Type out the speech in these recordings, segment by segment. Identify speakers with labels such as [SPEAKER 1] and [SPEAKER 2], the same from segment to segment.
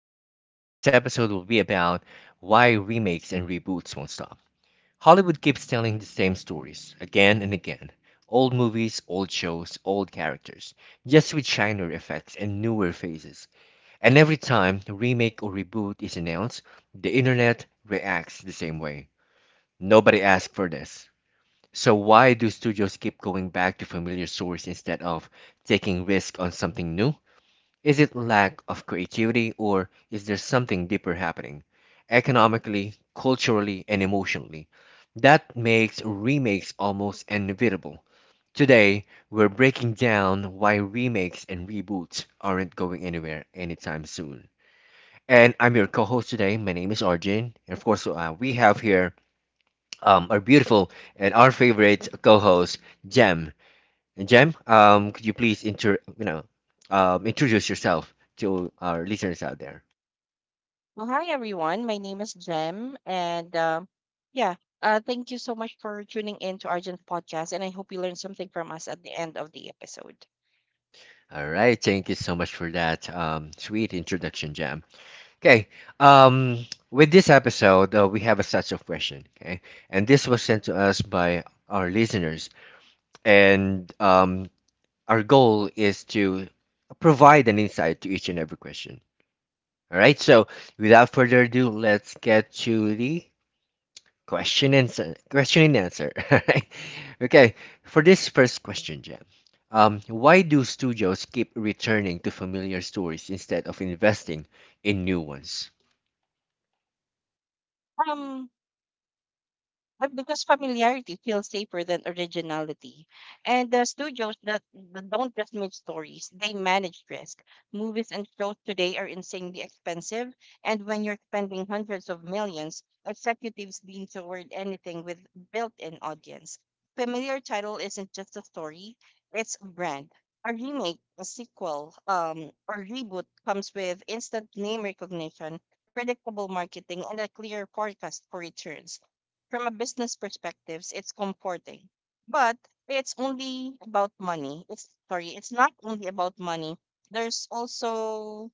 [SPEAKER 1] podcast. Today's episode will be about why remakes and reboots won't stop. Hollywood keeps telling the same stories again and again, old movies, old shows, old characters, just with shinier effects and newer faces. And every time a remake or reboot is announced, the internet reacts the same way. Nobody asked for this. So, why do studios keep going back to familiar sources instead of taking risk on something new? Is it lack of creativity, or is there something deeper happening economically, culturally, and emotionally that makes remakes almost inevitable? Today, we're breaking down why remakes and reboots aren't going anywhere anytime soon. And I'm your co-host today. My name is Arjun, and of course, we have here our beautiful and our favorite co-host, Jem. And Jem, could you please introduce yourself to our listeners out there?
[SPEAKER 2] Well, hi everyone. My name is Jem, and yeah, thank you so much for tuning in to Argent podcast, and I hope you learned something from us at the end of the episode.
[SPEAKER 1] All right, thank you so much for that sweet introduction, Jam. Okay, with this episode, we have a set of questions, okay? And this was sent to us by our listeners. And Our goal is to provide an insight to each and every question. All right, so without further ado, let's get to the question and answer. Question and answer. Alright. Okay, for this first question, Jem, why do studios keep returning to familiar stories instead of investing in new ones?
[SPEAKER 2] Um, But because familiarity feels safer than originality. And the studios that don't just make stories, they manage risk. Movies and shows today are insanely expensive. And when you're spending hundreds of millions, executives lean toward anything with built in audience. Familiar title isn't just a story, it's a brand. A remake, a sequel, or reboot comes with instant name recognition, predictable marketing, and a clear forecast for returns from a business perspective, it's comforting. But it's only about money. It's sorry, it's not only about money. There's also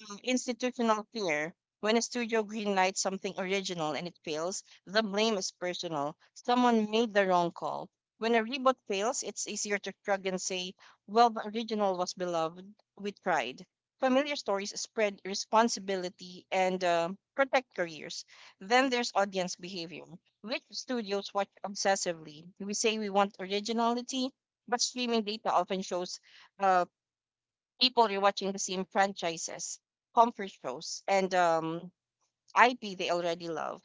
[SPEAKER 2] Institutional fear. When a studio greenlights something original and it fails, the blame is personal. Someone made the wrong call. When a reboot fails, it's easier to shrug and say, well, the original was beloved. We tried. Familiar stories spread responsibility and protect careers. Then there's audience behavior, which studios watch obsessively. We say we want originality, but streaming data often shows uh, people rewatching the same franchises, comfort shows, and IP they already love.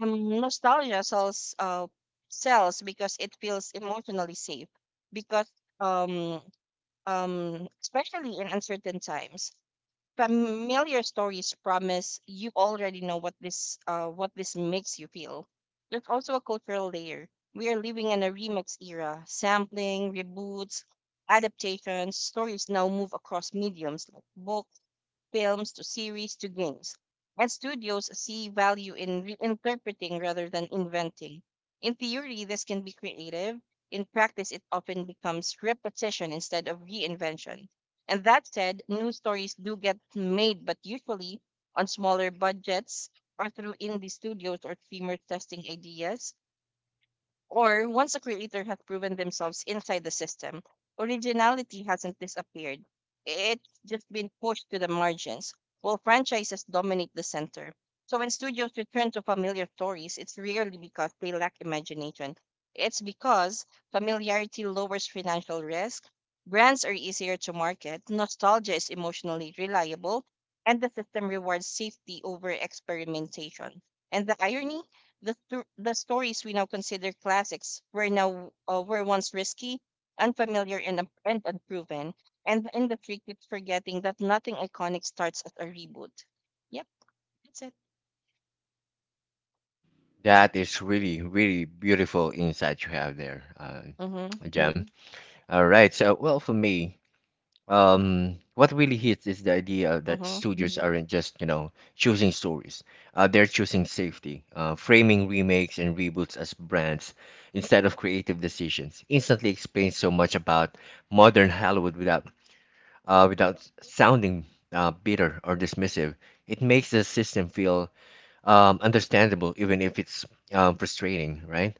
[SPEAKER 2] Nostalgia sells because it feels emotionally safe. Because um, Especially in uncertain times, familiar stories promise you already know what this makes you feel. There's also a cultural layer. We are living in a remix era. Sampling, reboots, adaptations, stories now move across mediums like books films to series to games, and studios see value in reinterpreting rather than inventing. In theory, this can be creative. In practice, it often becomes repetition instead of reinvention. And that said, new stories do get made, but usually on smaller budgets or through indie studios or streamers testing ideas or once a creator has proven themselves inside the system, originality hasn't disappeared. It's just been pushed to the margins, while franchises dominate the center. So when studios return to familiar stories, it's rarely because they lack imagination. It's because familiarity lowers financial risk, brands are easier to market, nostalgia is emotionally reliable, and the system rewards safety over experimentation. And the irony? The stories we now consider classics were once risky, unfamiliar, and unproven. And the industry keeps forgetting that nothing iconic starts as a reboot. Yep, that's it.
[SPEAKER 1] That is really, really beautiful insight you have there,
[SPEAKER 2] Mhm,
[SPEAKER 1] Jem. Mhm. All right, so well, for me, what really hits is the idea that
[SPEAKER 2] mhm.
[SPEAKER 1] studios are aren't just, you know, choosing stories, they're choosing safety. Framing remakes and reboots as brands instead of creative decisions instantly explains so much about modern Hollywood without without sounding bitter or dismissive. It makes the system feel understandable, even if it's frustrating, right?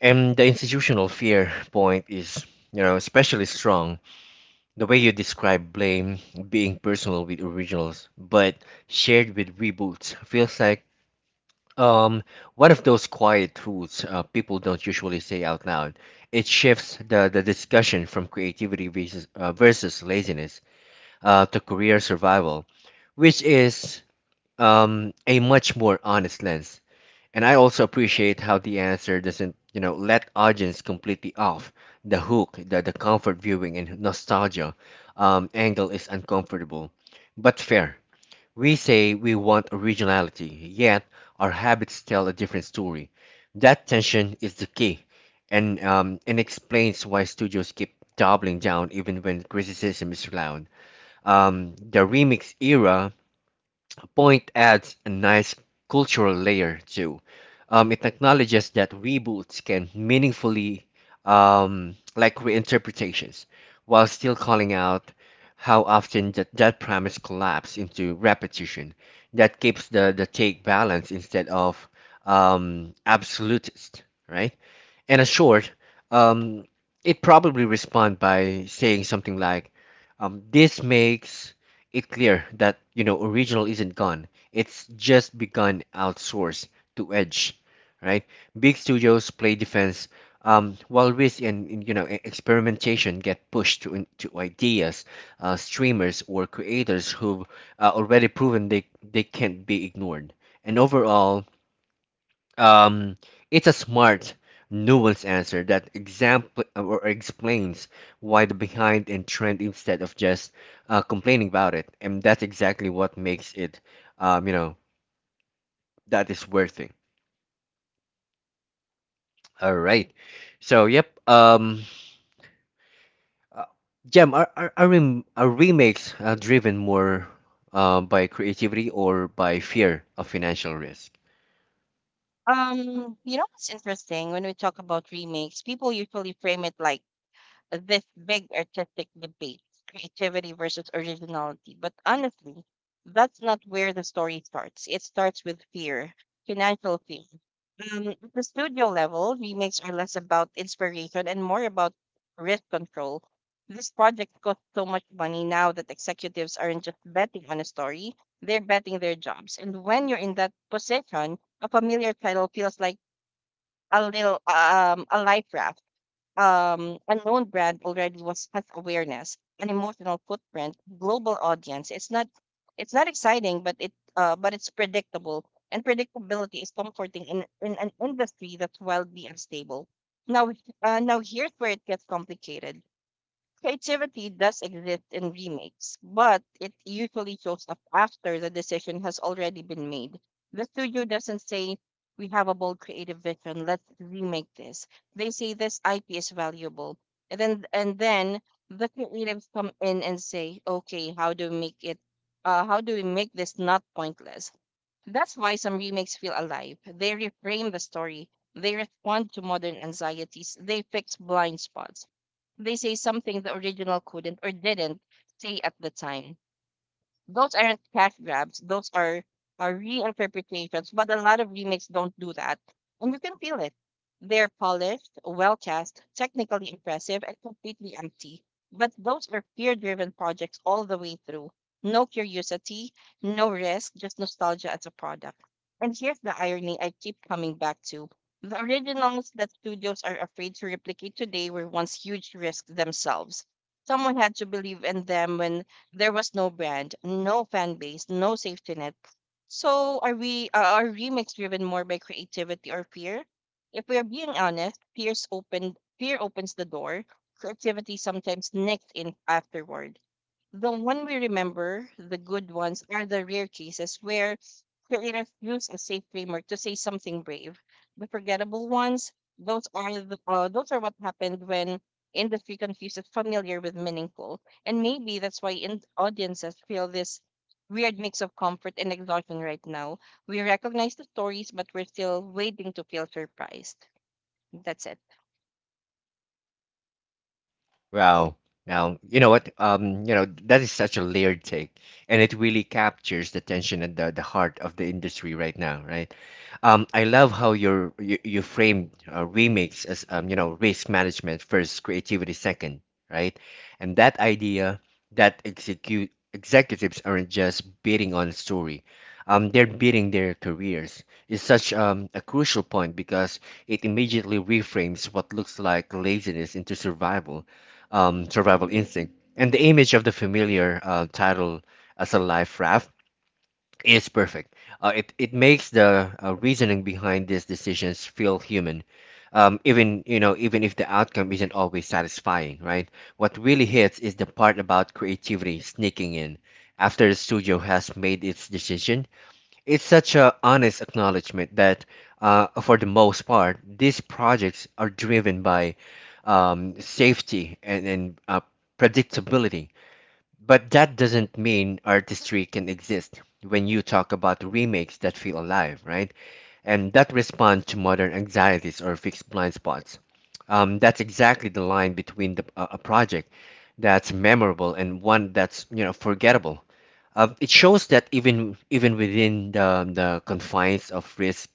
[SPEAKER 1] And the institutional fear point is, you know, especially strong. The way you describe blame being personal with originals but shared with reboots feels like um one of those quiet truths people don't usually say out loud. It shifts the discussion from creativity versus versus laziness to career survival, which is a much more honest lens. And I also appreciate how the answer doesn't, you know, let audience completely off the hook. The comfort viewing and nostalgia angle is uncomfortable, but fair. We say we want originality, yet our habits tell a different story. That tension is the key, and explains why studios keep doubling down even when criticism is loud. The remix era point adds a nice cultural layer too. It acknowledges that reboots can meaningfully, like reinterpretations, while still calling out how often that promise collapse into repetition. That keeps the take balance instead of absolutist, right? And a short, um, it probably respond by saying something like, "This makes it clear that, you know, original isn't gone; it's just begun outsourced to Edge, right? Big studios play defense, while risk and you know, experimentation get pushed to to ideas, streamers or creators who've already proven they can't be ignored. And overall, um, it's a smart, nuanced answer that example or explains why the behind in trend instead of just complaining about it, and that's exactly what makes it, you know, that is worth it. All right. So, yep. Uh, Jem, are remakes driven more by creativity or by fear of financial risk?
[SPEAKER 2] You know what's interesting when we talk about remakes, people usually frame it like this big artistic debate creativity versus originality. But honestly, that's not where the story starts. It starts with fear, financial fear. At the studio level, remakes are less about inspiration and more about risk control. This project cost so much money now that executives aren't just betting on a story, they're betting their jobs. And when you're in that position, a familiar title feels like a little a life raft unknown brand already was has awareness, an emotional footprint, global audience. It's not exciting, but it but it's predictable, and predictability is comforting in an industry that's wildly unstable. Now, now here's where it gets complicated. Creativity does exist in remakes, but it usually shows up after the decision has already been made. The studio doesn't say, we have a bold creative vision, let's remake this. They say this IP is valuable. And then the creatives come in and say, okay, how do we make this not pointless? That's why some remakes feel alive. They reframe the story, they respond to modern anxieties, they fix blind spots. They say something the original couldn't or didn't say at the time those aren't cash grabs. Those are reinterpretations. But a lot of remakes don't do that, and you can feel it. They're polished, well cast, technically impressive, and completely empty. But those are peer-driven projects all the way through. No curiosity, no risk, just nostalgia as a product. And here's the irony I keep coming back to. The originals that studios are afraid to replicate today were once huge risks themselves. Someone had to believe in them when there was no brand, no fan base, no safety net. So are our remix driven more by creativity or fear? If we are being honest, fear opens the door. Creativity sometimes nicks in afterward. The one we remember, the good ones, are the rare cases where creators use a safe framework to say something brave. The forgettable ones, those are those are what happened when industry confuses familiar with meaningful, and maybe that's why audiences feel this weird mix of comfort and exhaustion right now. We recognize the stories, but we're still waiting to feel surprised. That's it.
[SPEAKER 1] Wow. Now, you know what? You know, that is such a layered take, and it really captures the tension at the heart of the industry right now, right? I love how you framed remakes as you know, risk management first, creativity second, right? And that idea that execute executives aren't just bidding on a story, they're bidding their careers is such a crucial point because it immediately reframes what looks like laziness into survival survival instinct. And the image of the familiar title as a life raft is perfect. It makes the reasoning behind these decisions feel human. Even, you know, even if the outcome isn't always satisfying, right? What really hits is the part about creativity sneaking in after the studio has made its decision. It's such a honest acknowledgement that, for the most part, these projects are driven by safety and predictability, but that doesn't mean artistry can exist when you talk about remakes that feel alive, right? And that respond to modern anxieties or fixed blind spots. That's exactly the line between a project that's memorable and one that's, you know, forgettable. It shows that even within the confines of risk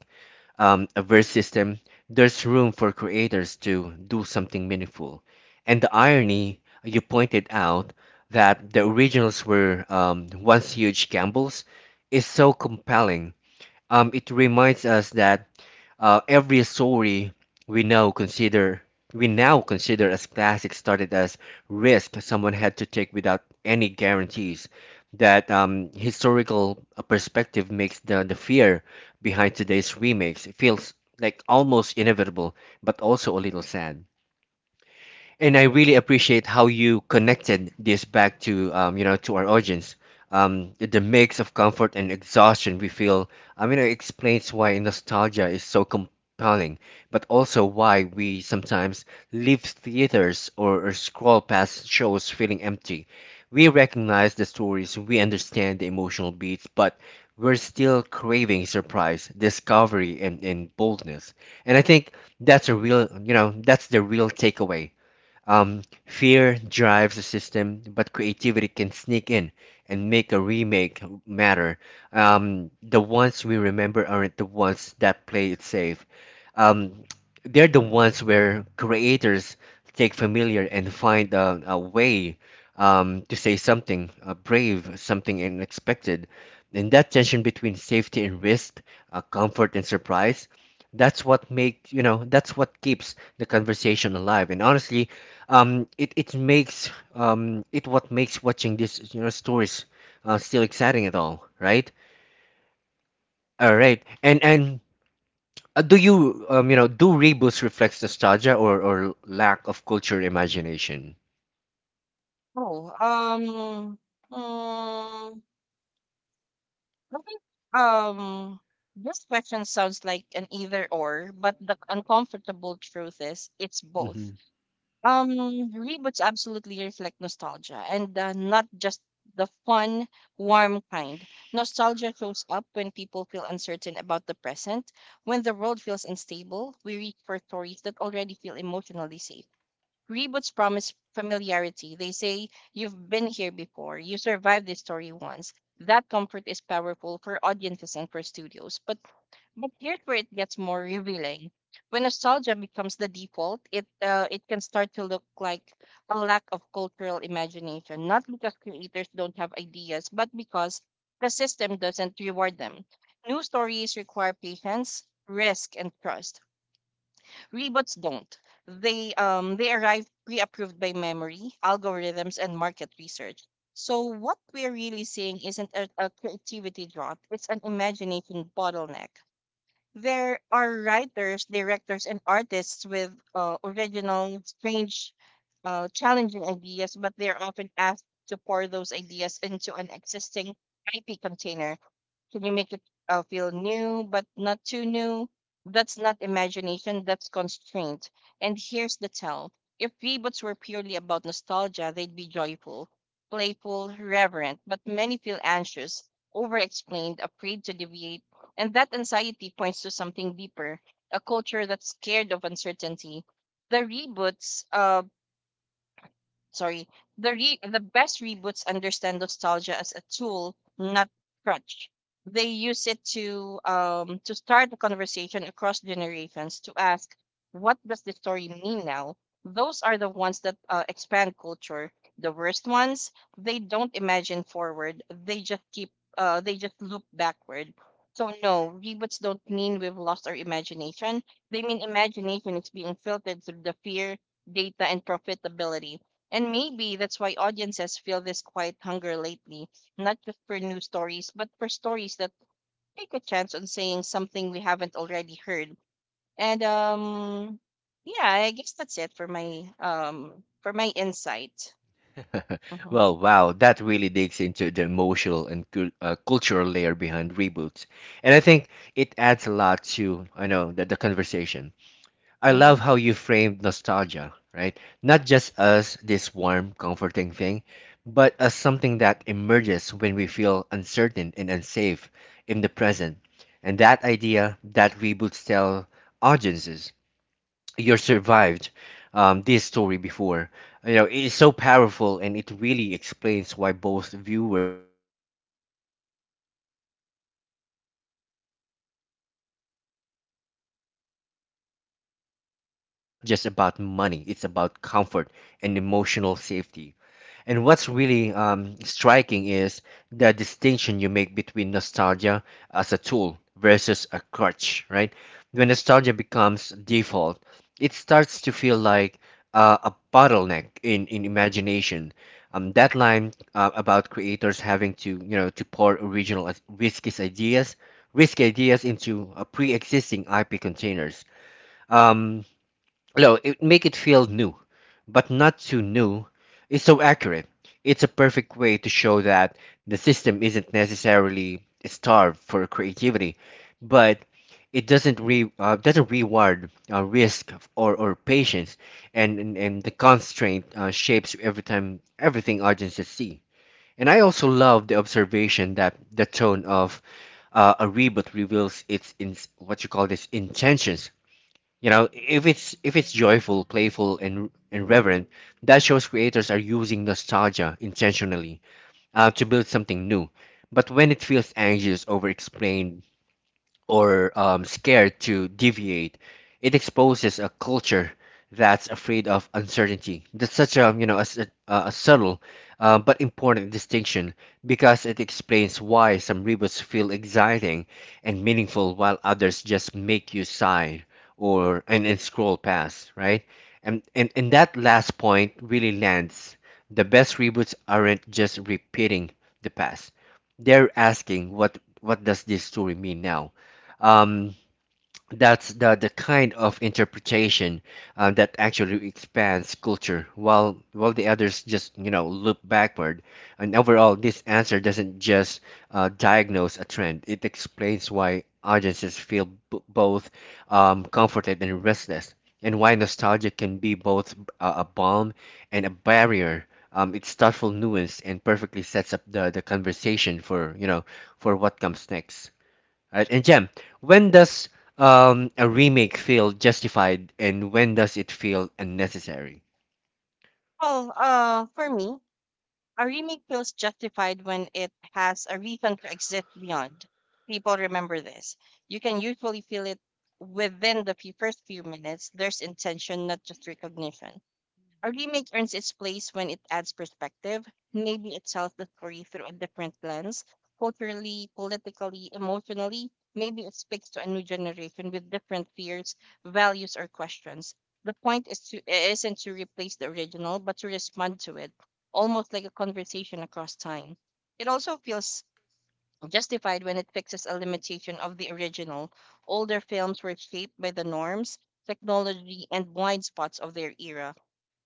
[SPEAKER 1] averse system, there's room for creators to do something meaningful. And the irony you pointed out, that the originals were once huge gambles, is so compelling. It reminds us that every story we know consider we now consider as classic started as risk someone had to take without any guarantees. That historical perspective makes the fear behind today's remakes feels like almost inevitable, but also a little sad. And I really appreciate how you connected this back to you know, to our audience. The mix of comfort and exhaustion we feel, I mean, it explains why nostalgia is so compelling, but also why we sometimes leave theaters or scroll past shows feeling empty. We recognize the stories, we understand the emotional beats, but we're still craving surprise, discovery, and boldness. And I think that's a real, you know, that's the real takeaway, fear drives the system, but creativity can sneak in and make a remake matter. The ones we remember aren't the ones that play it safe. Um, they're the ones where creators take familiar and find a way to say something brave, something unexpected. And that tension between safety and risk, comfort and surprise, that's what make, you know, that's what keeps the conversation alive. And honestly, um, it makes um, it what makes watching these, you know, stories still exciting at all, right? all right and Uh, do you, um, you know, do reboots reflect nostalgia or lack of culture imagination?
[SPEAKER 2] Oh, mm, I think um this question sounds like an either or, but the uncomfortable truth is it's both.
[SPEAKER 1] Hmm.
[SPEAKER 2] Um, Reboots absolutely reflect nostalgia, and not just the fun, warm kind. Nostalgia shows up when people feel uncertain about the present, when the world feels unstable. We reach for stories that already feel emotionally safe. Reboots promise familiarity. They say, you've been here before, you survived this story once. That comfort is powerful for audiences and for studios. But here's where it gets more revealing. When nostalgia becomes the default, it can start to look like a lack of cultural imagination, not because creators don't have ideas, but because the system doesn't reward them. New stories require patience, risk, and trust. Rebots don't. They arrive pre-approved by memory, algorithms, and market research. So what we're really seeing isn't a creativity drought; it's an imagination bottleneck. There are writers, directors, and artists with original, strange, challenging ideas, but they're often asked to pour those ideas into an existing IP container can you make it feel new, but not too new? That's not imagination, that's constraint. And here's the tell if reboots were purely about nostalgia, they'd be joyful, playful, reverent, but many feel anxious, over explained, afraid to deviate. And that anxiety points to something deeper a culture that's scared of uncertainty. The reboots sorry, the re- the best reboots understand nostalgia as a tool, not crutch. They use it to start a conversation across generations to ask, what does the story mean now? Those are the ones that expand culture. The worst ones, they don't imagine forward. They just keep they just loop backward. So no, reboots don't mean we've lost our imagination. They mean imagination is being filtered through the fear, data, and profitability and maybe that's why audiences feel this quiet hunger lately, not just for new stories, but for stories that take a chance on saying something we haven't already heard. And yeah, I guess that's it for my insight. Hmm.
[SPEAKER 1] Well, wow, that really digs into the emotional and cultural layer behind reboots, and I think it adds a lot to, I know that the conversation. I
[SPEAKER 2] Hmm.
[SPEAKER 1] love how you framed nostalgia, right? Not just as this warm, comforting thing, but as something that emerges when we feel uncertain and unsafe in the present. And that idea that reboots tell audiences you're survived this story before. You know, it is so powerful, and it really explains why both viewers and studios gravitate toward familiar stories in unstable times. It's human. You know, it's smart to point out that it's not just about money, it's about comfort and emotional safety. And what's really striking is the distinction you make between nostalgia as a tool versus a crutch, right? When nostalgia becomes default, it starts to feel like a bottleneck in imagination. That line about creators having to, you know, to pour risky ideas into pre-existing IP containers. Um, no, it make it feel new, but not too new. It's so accurate. It's a perfect way to show that the system isn't necessarily starved for creativity, but it doesn't reward risk or patience, and the constraint shapes everything audiences see. And I also love the observation that the tone of a reboot reveals its in what you call this intentions. You know, if it's joyful, playful, and reverent, that shows creators are using nostalgia intentionally to build something new. But when it feels anxious, over-explained, or scared to deviate. It exposes a culture that's afraid of uncertainty. That's such a, you know, a subtle but important distinction, because it explains why some reboots feel exciting and meaningful while others just make you sigh or and scroll past, right? And that last point really lands. The best reboots aren't just repeating the past. They're asking, what does this story mean now? um, that's the kind of interpretation that actually expands culture while the others just look backward. And overall, this answer doesn't just diagnose a trend, it explains why audiences feel both comforted and restless, and why nostalgia can be both a balm and a barrier. It's thoughtful nuance and perfectly sets up the conversation for for what comes next. Right? And Jem, when does a remake feel justified, and when does it feel unnecessary?
[SPEAKER 2] Well, for me, a remake feels justified when it has a reason to exist beyond. People remember this. You can usually feel it within the first few minutes. There's intention, not just recognition a remake earns its place when it adds perspective. Maybe it tells the story through a different lens, culturally, politically, emotionally. Maybe it speaks to a new generation with different fears, values, or questions. The point is to isn't to replace the original, but to respond to it, almost like a conversation across time. It also feels justified when it fixes a limitation of the original. Older films were shaped by the norms, technology, and blind spots of their era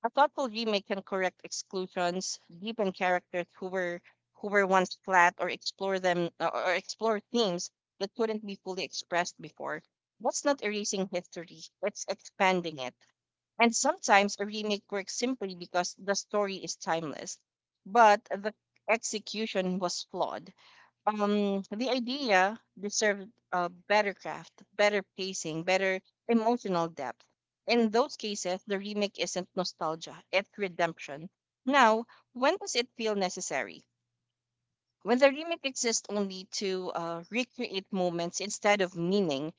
[SPEAKER 2] a thoughtful remake can correct exclusions, deepen characters who were once flat, or explore themes that couldn't be fully expressed before. That's not erasing history; it's expanding it. And sometimes a remake works simply because the story is timeless, but the execution was flawed the idea deserved better craft, better pacing, better emotional depth. In those cases, the remake isn't nostalgia, it's redemption. Now, when does it feel necessary? When the remake exists only to recreate moments instead of meaning,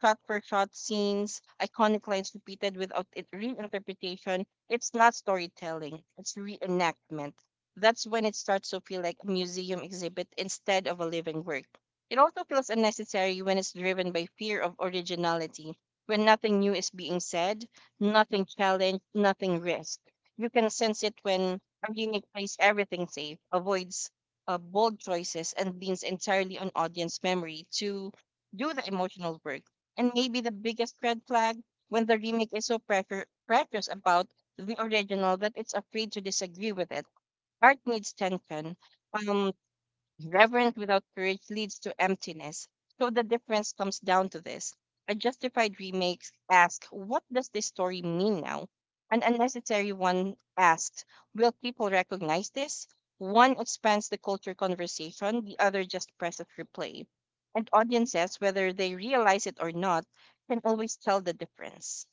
[SPEAKER 2] shot for shot scenes, iconic lines repeated without it reinterpretation. It's not storytelling, it's reenactment. That's when it starts to feel like a museum exhibit instead of a living work. It also feels unnecessary when it's driven by fear of originality, when nothing new is being said, nothing challenged, nothing risked. You can sense it when a remake plays everything safe, avoids bold choices, and leans entirely on audience memory to do the emotional work. And maybe the biggest red flag when the remake is so precious about the original that it's afraid to disagree with it. Art needs tension. Um, Reverence without courage leads to emptiness. So the difference comes down to this. A justified remake asks, what does this story mean now? An unnecessary one asks, will people recognize this? One expands the culture conversation, the other just presses replay. And audiences, whether they realize it or not, can always tell the difference.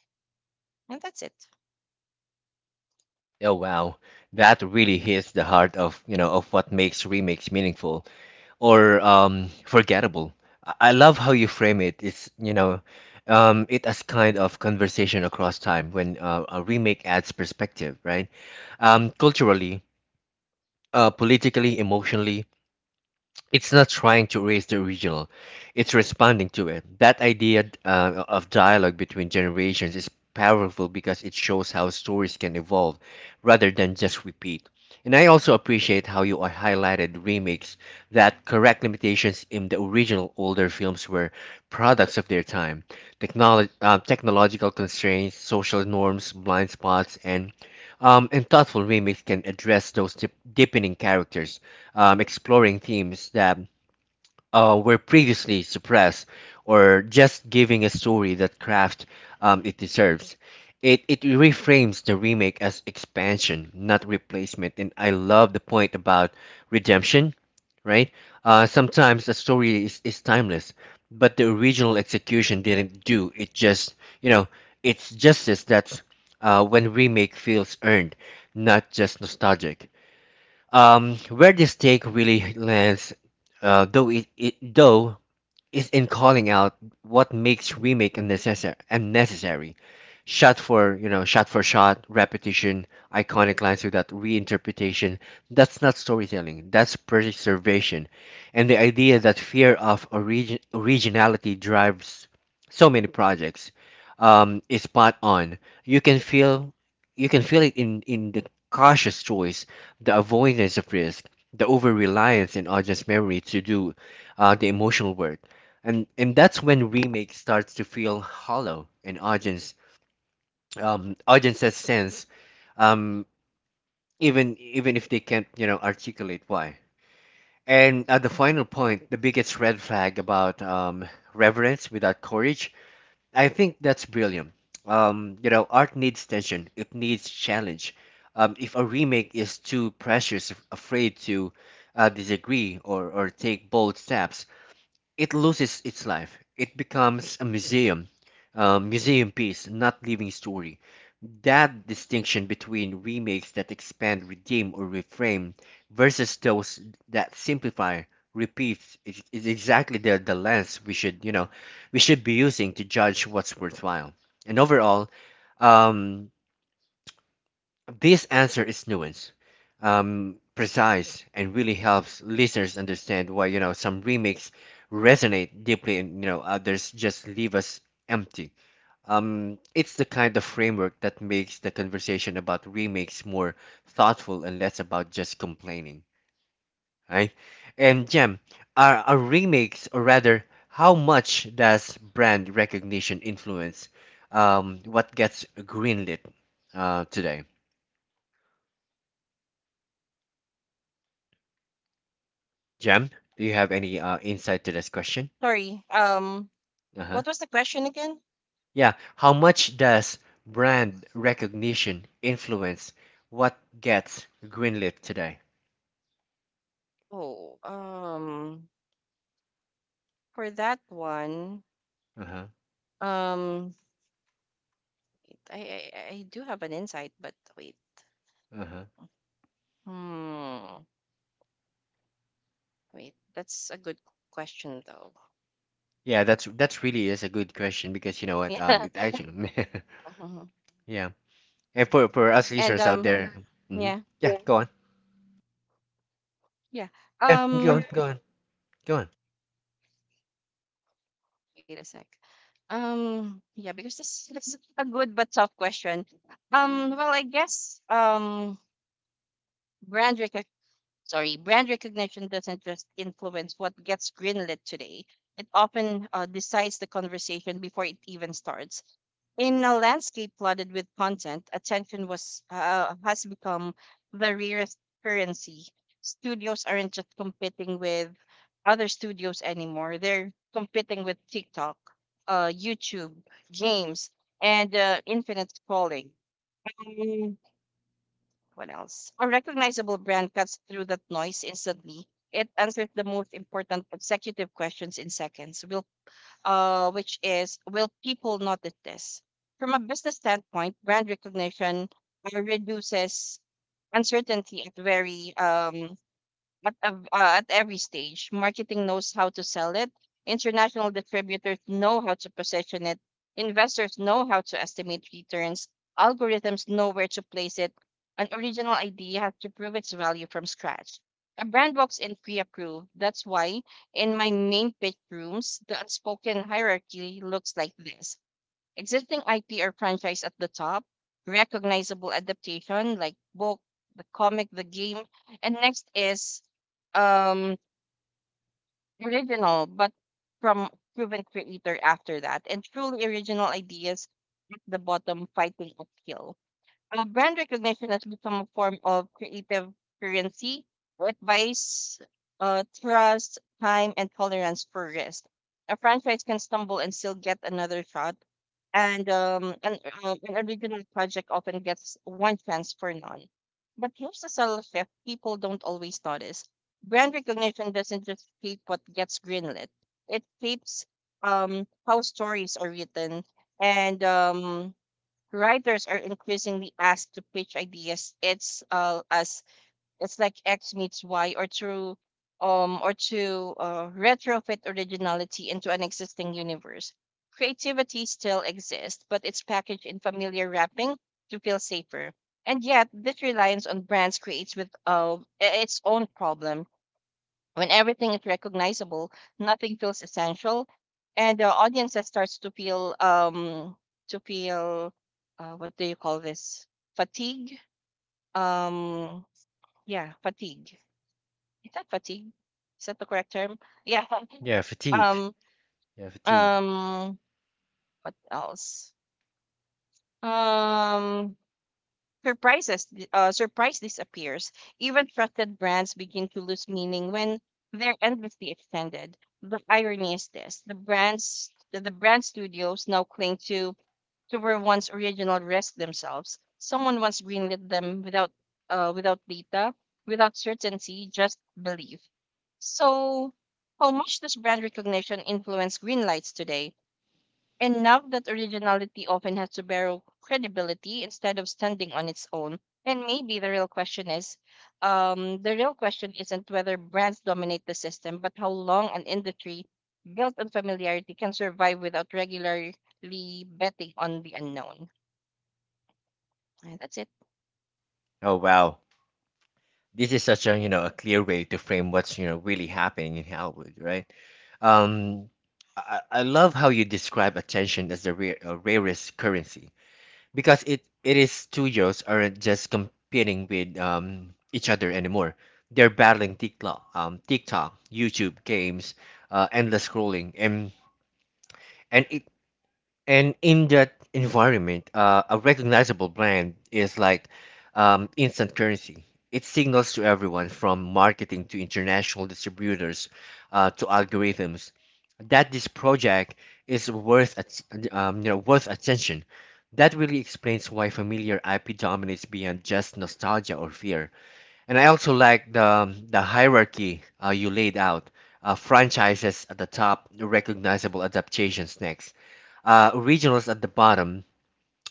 [SPEAKER 2] And that's it.
[SPEAKER 1] Oh wow, that really hits the heart of of what makes remakes meaningful or forgettable. I love how you frame it. It's it as kind of conversation across time when a remake adds perspective, right? Culturally, politically, emotionally. It's not trying to erase the original, it's responding to it. That idea of dialogue between generations is powerful because it shows how stories can evolve rather than just repeat. And I also appreciate how you highlighted remakes that correct limitations in the original. Older films were products of their time. Technological constraints, social norms, blind spots, and thoughtful remakes can address those, deepening characters, exploring themes that were previously suppressed, or just giving a story that craft it deserves. It reframes the remake as expansion, not replacement. And I love the point about redemption, right? Sometimes a story is timeless, but the original execution didn't do it Just, you know, it's justice that's when remake feels earned, not just nostalgic. Where this take really lands, though it though is in calling out what makes remake unnecessary: shot for shot for shot repetition, iconic lines without reinterpretation. That's not storytelling, that's preservation. And the idea that fear of originality drives so many projects is spot on. you can feel you can feel it in the cautious choice, the avoidance of risk, the over reliance in audience memory to do the emotional work. And that's when remake starts to feel hollow, and audiences sense um even if they can't articulate why. And at the final point, the biggest red flag about reverence without courage, I think that's brilliant. Um, art needs tension, it needs challenge. Um, if a remake is too precious, afraid to disagree or take bold steps, it loses its life. It becomes a museum piece, not living story. That distinction between remakes that expand, redeem, or reframe versus those that simplify, repeat is exactly the lens we should, we should be using to judge what's worthwhile. And overall, um, this answer is nuanced, precise, and really helps listeners understand why some remakes resonate deeply, and others just leave us empty. It's the kind of framework that makes the conversation about remakes more thoughtful and less about just complaining, right? And Jem, are remakes, or rather, how much does brand recognition influence what gets greenlit today? Jem, do you have any insight to this question?
[SPEAKER 2] Sorry. Um,
[SPEAKER 1] Uh huh.
[SPEAKER 2] what was the question again?
[SPEAKER 1] Yeah. How much does brand recognition influence what gets greenlit today?
[SPEAKER 2] Oh, for that one.
[SPEAKER 1] Uh huh.
[SPEAKER 2] Um, I do have an insight, but wait.
[SPEAKER 1] Uh huh.
[SPEAKER 2] Hmm. Wait, that's a good question though.
[SPEAKER 1] Yeah, that's really is a good question because you know what?
[SPEAKER 2] Yeah.
[SPEAKER 1] It actually,
[SPEAKER 2] Mhm.
[SPEAKER 1] yeah. And for us
[SPEAKER 2] And
[SPEAKER 1] listeners out there, hmm,
[SPEAKER 2] yeah,
[SPEAKER 1] yeah, go on.
[SPEAKER 2] yeah.
[SPEAKER 1] Yeah, go on,
[SPEAKER 2] Um
[SPEAKER 1] go on, go on.
[SPEAKER 2] wait a sec. Yeah, because this is a good but tough question. Well, I guess brand brand recognition doesn't just influence what gets greenlit today. It often decides the conversation before it even starts. In a landscape flooded with content, attention was has become the rarest currency. Studios aren't just competing with other studios anymore; they're competing with TikTok, YouTube, games, and infinite scrolling. What else? A recognizable brand cuts through that noise instantly. It answers the most important executive questions in seconds. Will which is Will people notice this? From a business standpoint, brand recognition reduces uncertainty at very at, ev- at every stage. Marketing knows how to sell it, international distributors know how to position it, investors know how to estimate returns, algorithms know where to place it. An original idea has to prove its value from scratch. A brand walks in pre approved. That's why in my main pitch rooms, the unspoken hierarchy looks like this: existing IP or franchise at the top, recognizable adaptation like book, the comic, the game, and next is um original but from proven creator after that, and truly original ideas at the bottom fighting uphill. Brand recognition has become a form of creative currency. It buys trust, time, and tolerance for risk. A franchise can stumble and still get another shot, and an original project often gets one chance for none. But here's the subtle shift people don't always notice. Brand recognition doesn't just shape what gets greenlit, it shapes how stories are written, and writers are increasingly asked to pitch ideas, it's like x meets y, or to retrofit originality into an existing universe. Creativity still exists but it's packaged in familiar wrapping to feel safer. And yet this reliance on brands creates with I- its own problem. When everything is recognizable, nothing feels essential, and the audience that starts to feel, what do you call this, fatigue? Um, yeah, fatigue. Is that fatigue? Is that the correct term? Yeah.
[SPEAKER 1] Yeah, fatigue.
[SPEAKER 2] Um.
[SPEAKER 1] Yeah, fatigue.
[SPEAKER 2] Um. What else? Um. Surprises, Surprise disappears. Even trusted brands begin to lose meaning when they're endlessly extended. The irony is this: the brand studios now cling to where once original risk themselves. Someone once greenlit them without without data, without certainty, just belief. So, how much does brand recognition influence green lights today? And now that originality often has to borrow credibility instead of standing on its own. And maybe the real question isn't whether brands dominate the system, but how long an industry built on familiarity can survive without regularly betting on the unknown. That's it.
[SPEAKER 1] Oh wow. This is such a a clear way to frame what's really happening in Hollywood, right? Um, I love how you describe attention as the rarest currency, because it is, studios aren't just competing with each other anymore. They're battling TikTok, YouTube games, endless scrolling, and it and in that environment, a recognizable brand is like instant currency. It signals to everyone from marketing to international distributors to algorithms that this project is worth worth attention. That really explains why familiar IP dominates beyond just nostalgia or fear. And I also like the hierarchy you laid out. Franchises at the top, recognizable adaptations next, originals at the bottom.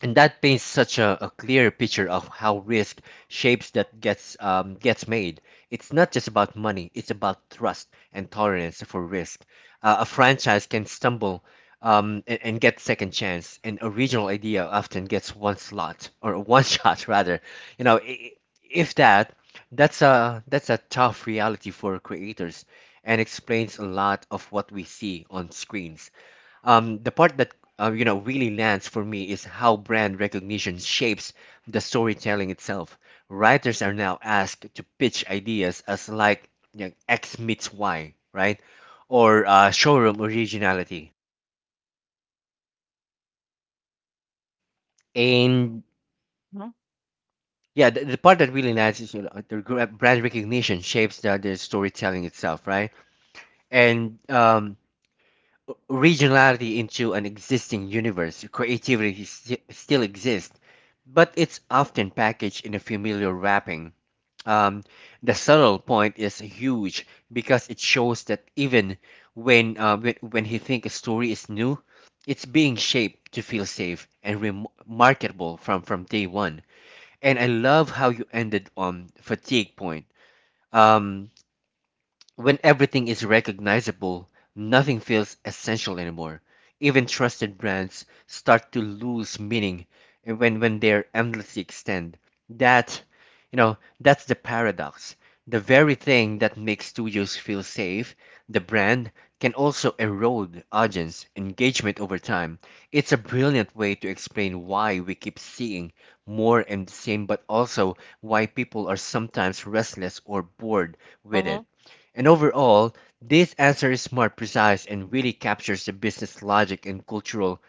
[SPEAKER 1] And that paints such a clear picture of how risk shapes that gets gets made. It's not just about money; it's about trust and tolerance for risk. A franchise can stumble and get second chance. An original idea often gets one slot or one shot rather. You know, I- if that, that's a tough reality for creators, and explains a lot of what we see on screens. The part that really lands for me is how brand recognition shapes the storytelling itself. Writers are now asked to pitch ideas as like X meets Y, right? Or showroom originality. And
[SPEAKER 2] Mhm.
[SPEAKER 1] yeah, the part that really lands is the brand recognition shapes the storytelling itself, right? And originality into an existing universe, creativity still exists, but it's often packaged in a familiar wrapping. Um, the subtle point is huge because it shows that even when he think a story is new, it's being shaped to feel safe and marketable from day one. And I love how you ended on fatigue point. Um, when everything is recognizable, nothing feels essential anymore. Even trusted brands start to lose meaning and when they're endlessly extend. That, that's the paradox. The very thing that makes studios feel safe, the brand, can also erode audience engagement over time. It's a brilliant way to explain why we keep seeing more and the same, but also why people are sometimes restless or bored with it.
[SPEAKER 2] Mhm.
[SPEAKER 1] And overall, this answer is smart, precise, and really captures the business logic and cultural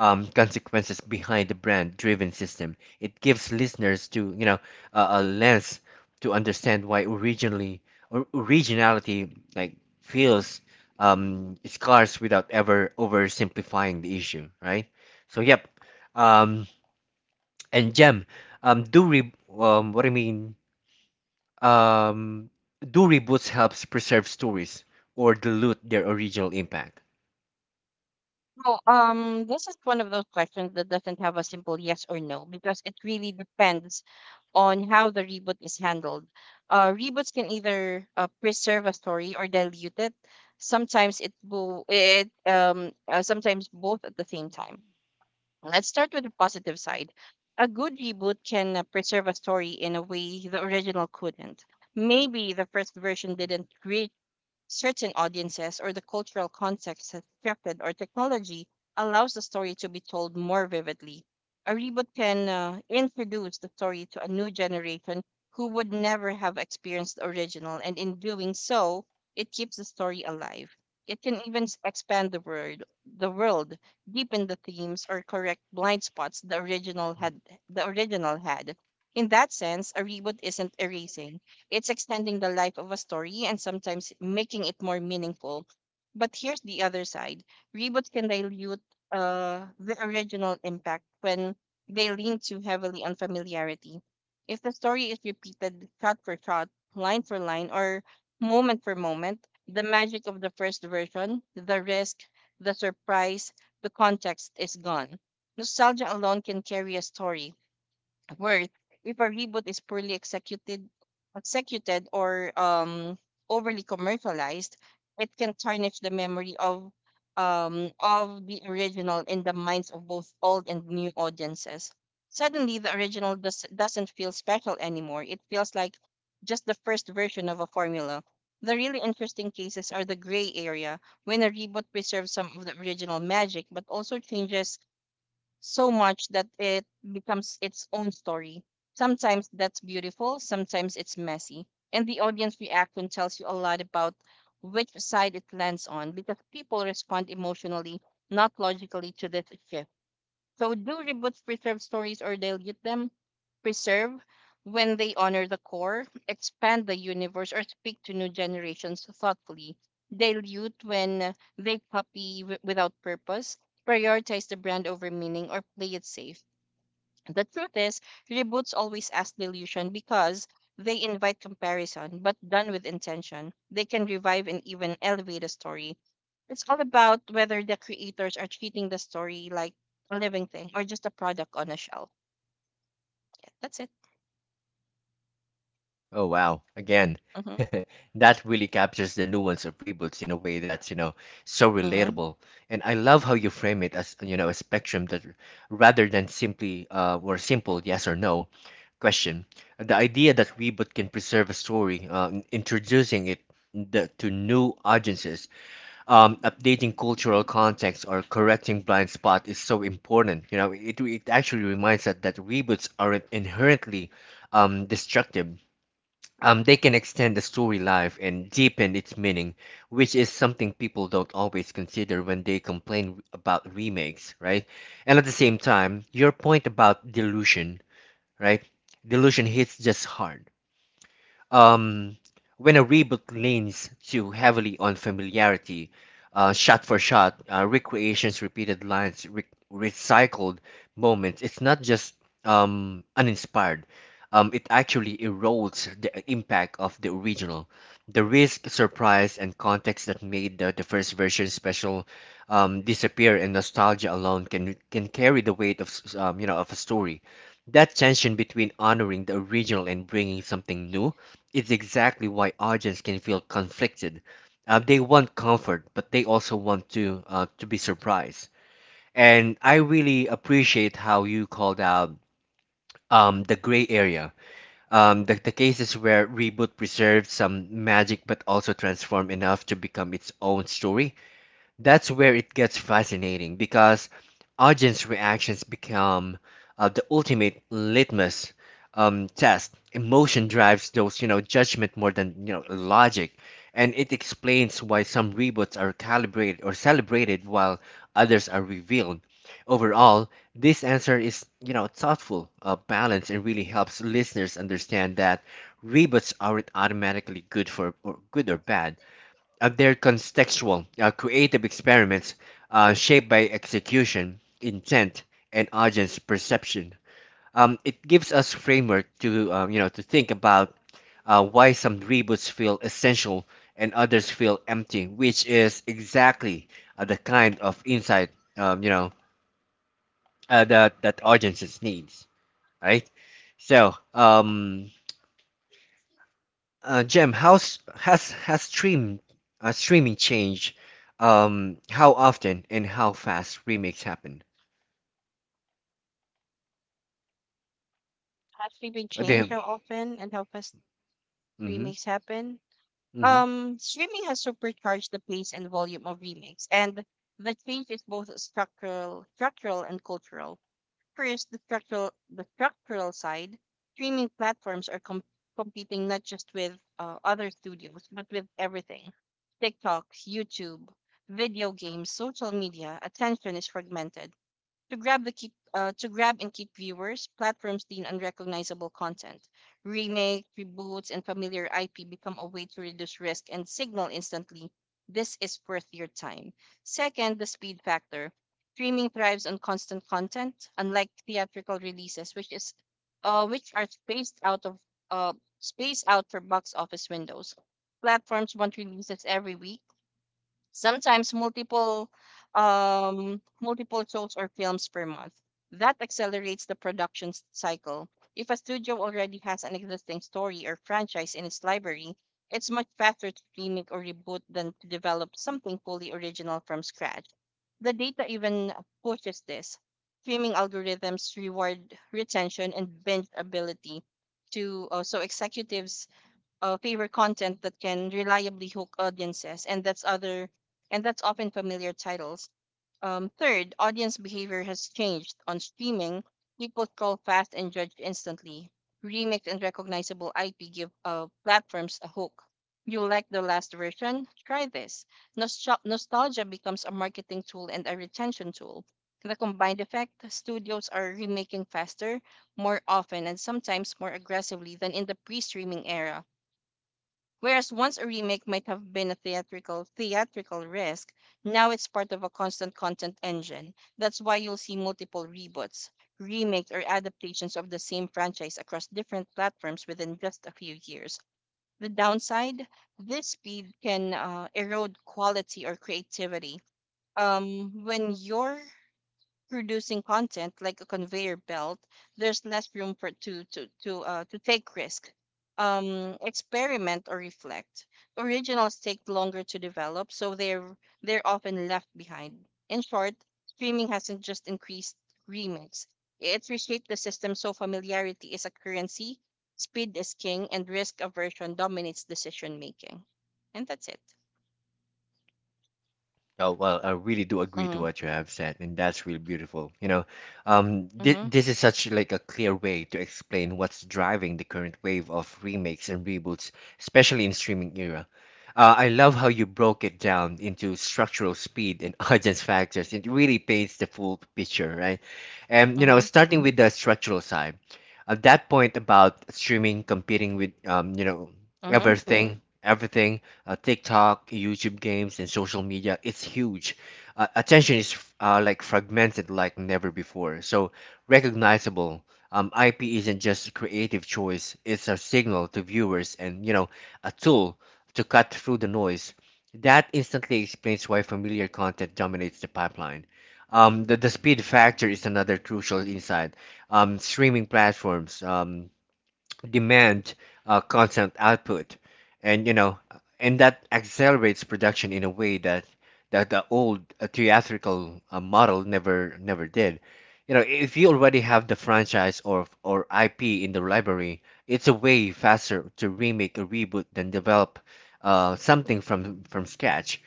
[SPEAKER 1] consequences behind the brand-driven system. It gives listeners to a lens to understand why originally or originality like feels scarce without ever oversimplifying the issue, right? So yep, um, and Gem, do re what I mean um, do reboots helps preserve stories or dilute their original impact?
[SPEAKER 2] So, this is one of those questions that doesn't have a simple yes or no because it really depends on how the reboot is handled. Reboots can either preserve a story or dilute it. Sometimes both at the same time. Let's start with the positive side. A good reboot can preserve a story in a way the original couldn't. Maybe the first version didn't reach certain audiences, or the cultural context has shifted, or technology allows the story to be told more vividly. A reboot can introduce the story to a new generation who would never have experienced the original, and in doing so, it keeps the story alive. It can even expand the world, deepen the themes, or correct blind spots the original had. In that sense, a reboot isn't erasing, it's extending the life of a story and sometimes making it more meaningful. But here's the other side: reboots can dilute the original impact when they lean too heavily on familiarity. If the story is repeated shot for shot, line for line, or moment for moment, the magic of the first version, the risk, the surprise, the context is gone. Nostalgia alone can carry a story, worth, if a reboot is executed or overly commercialized, it can tarnish the memory of the original in the minds of both old and new audiences. Suddenly, the original doesn't feel special anymore. It feels like just the first version of a formula. The really interesting cases are the gray area, when a reboot preserves some of the original magic but also changes so much that it becomes its own story. Sometimes that's beautiful, sometimes it's messy. And the audience reaction tells you a lot about which side it lands on because people respond emotionally, not logically, to this shift. So do reboots preserve stories or dilute them? Preserve when they honor the core, expand the universe, or speak to new generations thoughtfully. Dilute when they copy without purpose, prioritize the brand over meaning, or play it safe. The truth is, reboots always ask delusion because they invite comparison, but done with intention, they can revive and even elevate a story. It's all about whether the creators are treating the story like a living thing or just a product on a shelf. Yeah, that's it.
[SPEAKER 1] Oh wow! Again,
[SPEAKER 2] Mm-hmm.
[SPEAKER 1] that really captures the nuance of reboots in a way that's so
[SPEAKER 2] Mm-hmm.
[SPEAKER 1] relatable. And I love how you frame it as a spectrum that, rather than simply or simple yes or no question. The idea that reboot can preserve a story, introducing it to new audiences, updating cultural context, or correcting blind spot is so important. You know, it actually reminds us that reboots aren't inherently destructive. They can extend the story life and deepen its meaning, which is something people don't always consider when they complain about remakes, right? And at the same time, your point about delusion, right? Delusion hits just hard um, when a reboot leans too heavily on familiarity, shot for shot, recreations, repeated lines, recycled moments, it's not just uninspired. It actually erodes the impact of the original. The risk, surprise, and context that made the first version special disappear, and nostalgia alone can carry the weight of of a story. That tension between honoring the original and bringing something new, it's exactly why audience can feel conflicted. They want comfort, but they also want to be surprised. And I really appreciate how you called out the gray area, the cases where reboot preserved some magic but also transformed enough to become its own story. That's where it gets fascinating because audience reactions become the ultimate litmus test. Emotion drives those, judgment more than, logic, and it explains why some reboots are calibrated or celebrated while others are revealed. Overall, this answer is, thoughtful, balanced, and really helps listeners understand that reboots aren't automatically good or bad. Uh, they're contextual, creative experiments shaped by execution, intent, and audience perception. It gives us framework to to think about why some reboots feel essential and others feel empty, which is exactly the kind of insight um, you know that that audiences needs, right? So Jem, how's has streaming changed how often and how fast remakes happen?
[SPEAKER 2] Has streaming changed
[SPEAKER 1] Damn.
[SPEAKER 2] how often and how fast
[SPEAKER 1] Mm-hmm.
[SPEAKER 2] remakes happen?
[SPEAKER 1] Mm-hmm.
[SPEAKER 2] Streaming has supercharged the pace and volume of remakes, and the change is both structural and cultural. First, the structural side, streaming platforms are competing not just with other studios, but with everything. TikTok, YouTube, video games, social media. Attention is fragmented. To grab and keep viewers, platforms lean on recognizable content. Remake, reboots, and familiar IP become a way to reduce risk and signal instantly this is worth your time. Second, the speed factor. Streaming thrives on constant content, unlike theatrical releases, which are uh, spaced out for box office windows. Platforms want releases every week, sometimes multiple shows or films per month. That accelerates the production cycle. If a studio already has an existing story or franchise in its library, it's much faster to remake or reboot than to develop something fully original from scratch. The data even pushes this. Streaming algorithms reward retention and binge ability, to so executives favor content that can reliably hook audiences, and that's often familiar titles. Third, audience behavior has changed on streaming. People scroll fast and judge instantly. Remix and recognizable IP give platforms a hook. You like the last version? Try this. Nostalgia becomes a marketing tool and a retention tool. The combined effect: studios are remaking faster, more often, and sometimes more aggressively than in the pre-streaming era. Whereas once a remake might have been a theatrical risk, now it's part of a constant content engine. That's why you'll see multiple reboots, remakes, or adaptations of the same franchise across different platforms within just a few years. The downside: this speed can erode quality or creativity. When your producing content like a conveyor belt, there's less room for to take risk, experiment or reflect. Originals take longer to develop, so they're often left behind. In short, streaming hasn't just increased remakes; it's reshaped the system so familiarity is a currency, speed is king, and risk aversion dominates decision making. And that's it.
[SPEAKER 1] Oh, well, I really do agree to
[SPEAKER 2] Mhm.
[SPEAKER 1] what you have said, and that's really beautiful. You know, th
[SPEAKER 2] Mhm.
[SPEAKER 1] this is such like a clear way to explain what's driving the current wave of remakes and reboots, especially in streaming era. I love how you broke it down into structural speed and audience factors. It really paints the full picture, right? And you know,
[SPEAKER 2] Mhm.
[SPEAKER 1] starting with the structural side, at that point about streaming competing with
[SPEAKER 2] Mhm.
[SPEAKER 1] everything, TikTok, YouTube games, and social media. It's huge. Attention is like fragmented like never before. So recognizable. IP isn't just a creative choice. It's a signal to viewers and a tool to cut through the noise. That instantly explains why familiar content dominates the pipeline. The speed factor is another crucial insight. Streaming platforms demand constant output, and you know and that accelerates production in a way that the old theatrical model never did. You know, if you already have the franchise or ip in the library, it's a way faster to remake a reboot than develop something from scratch.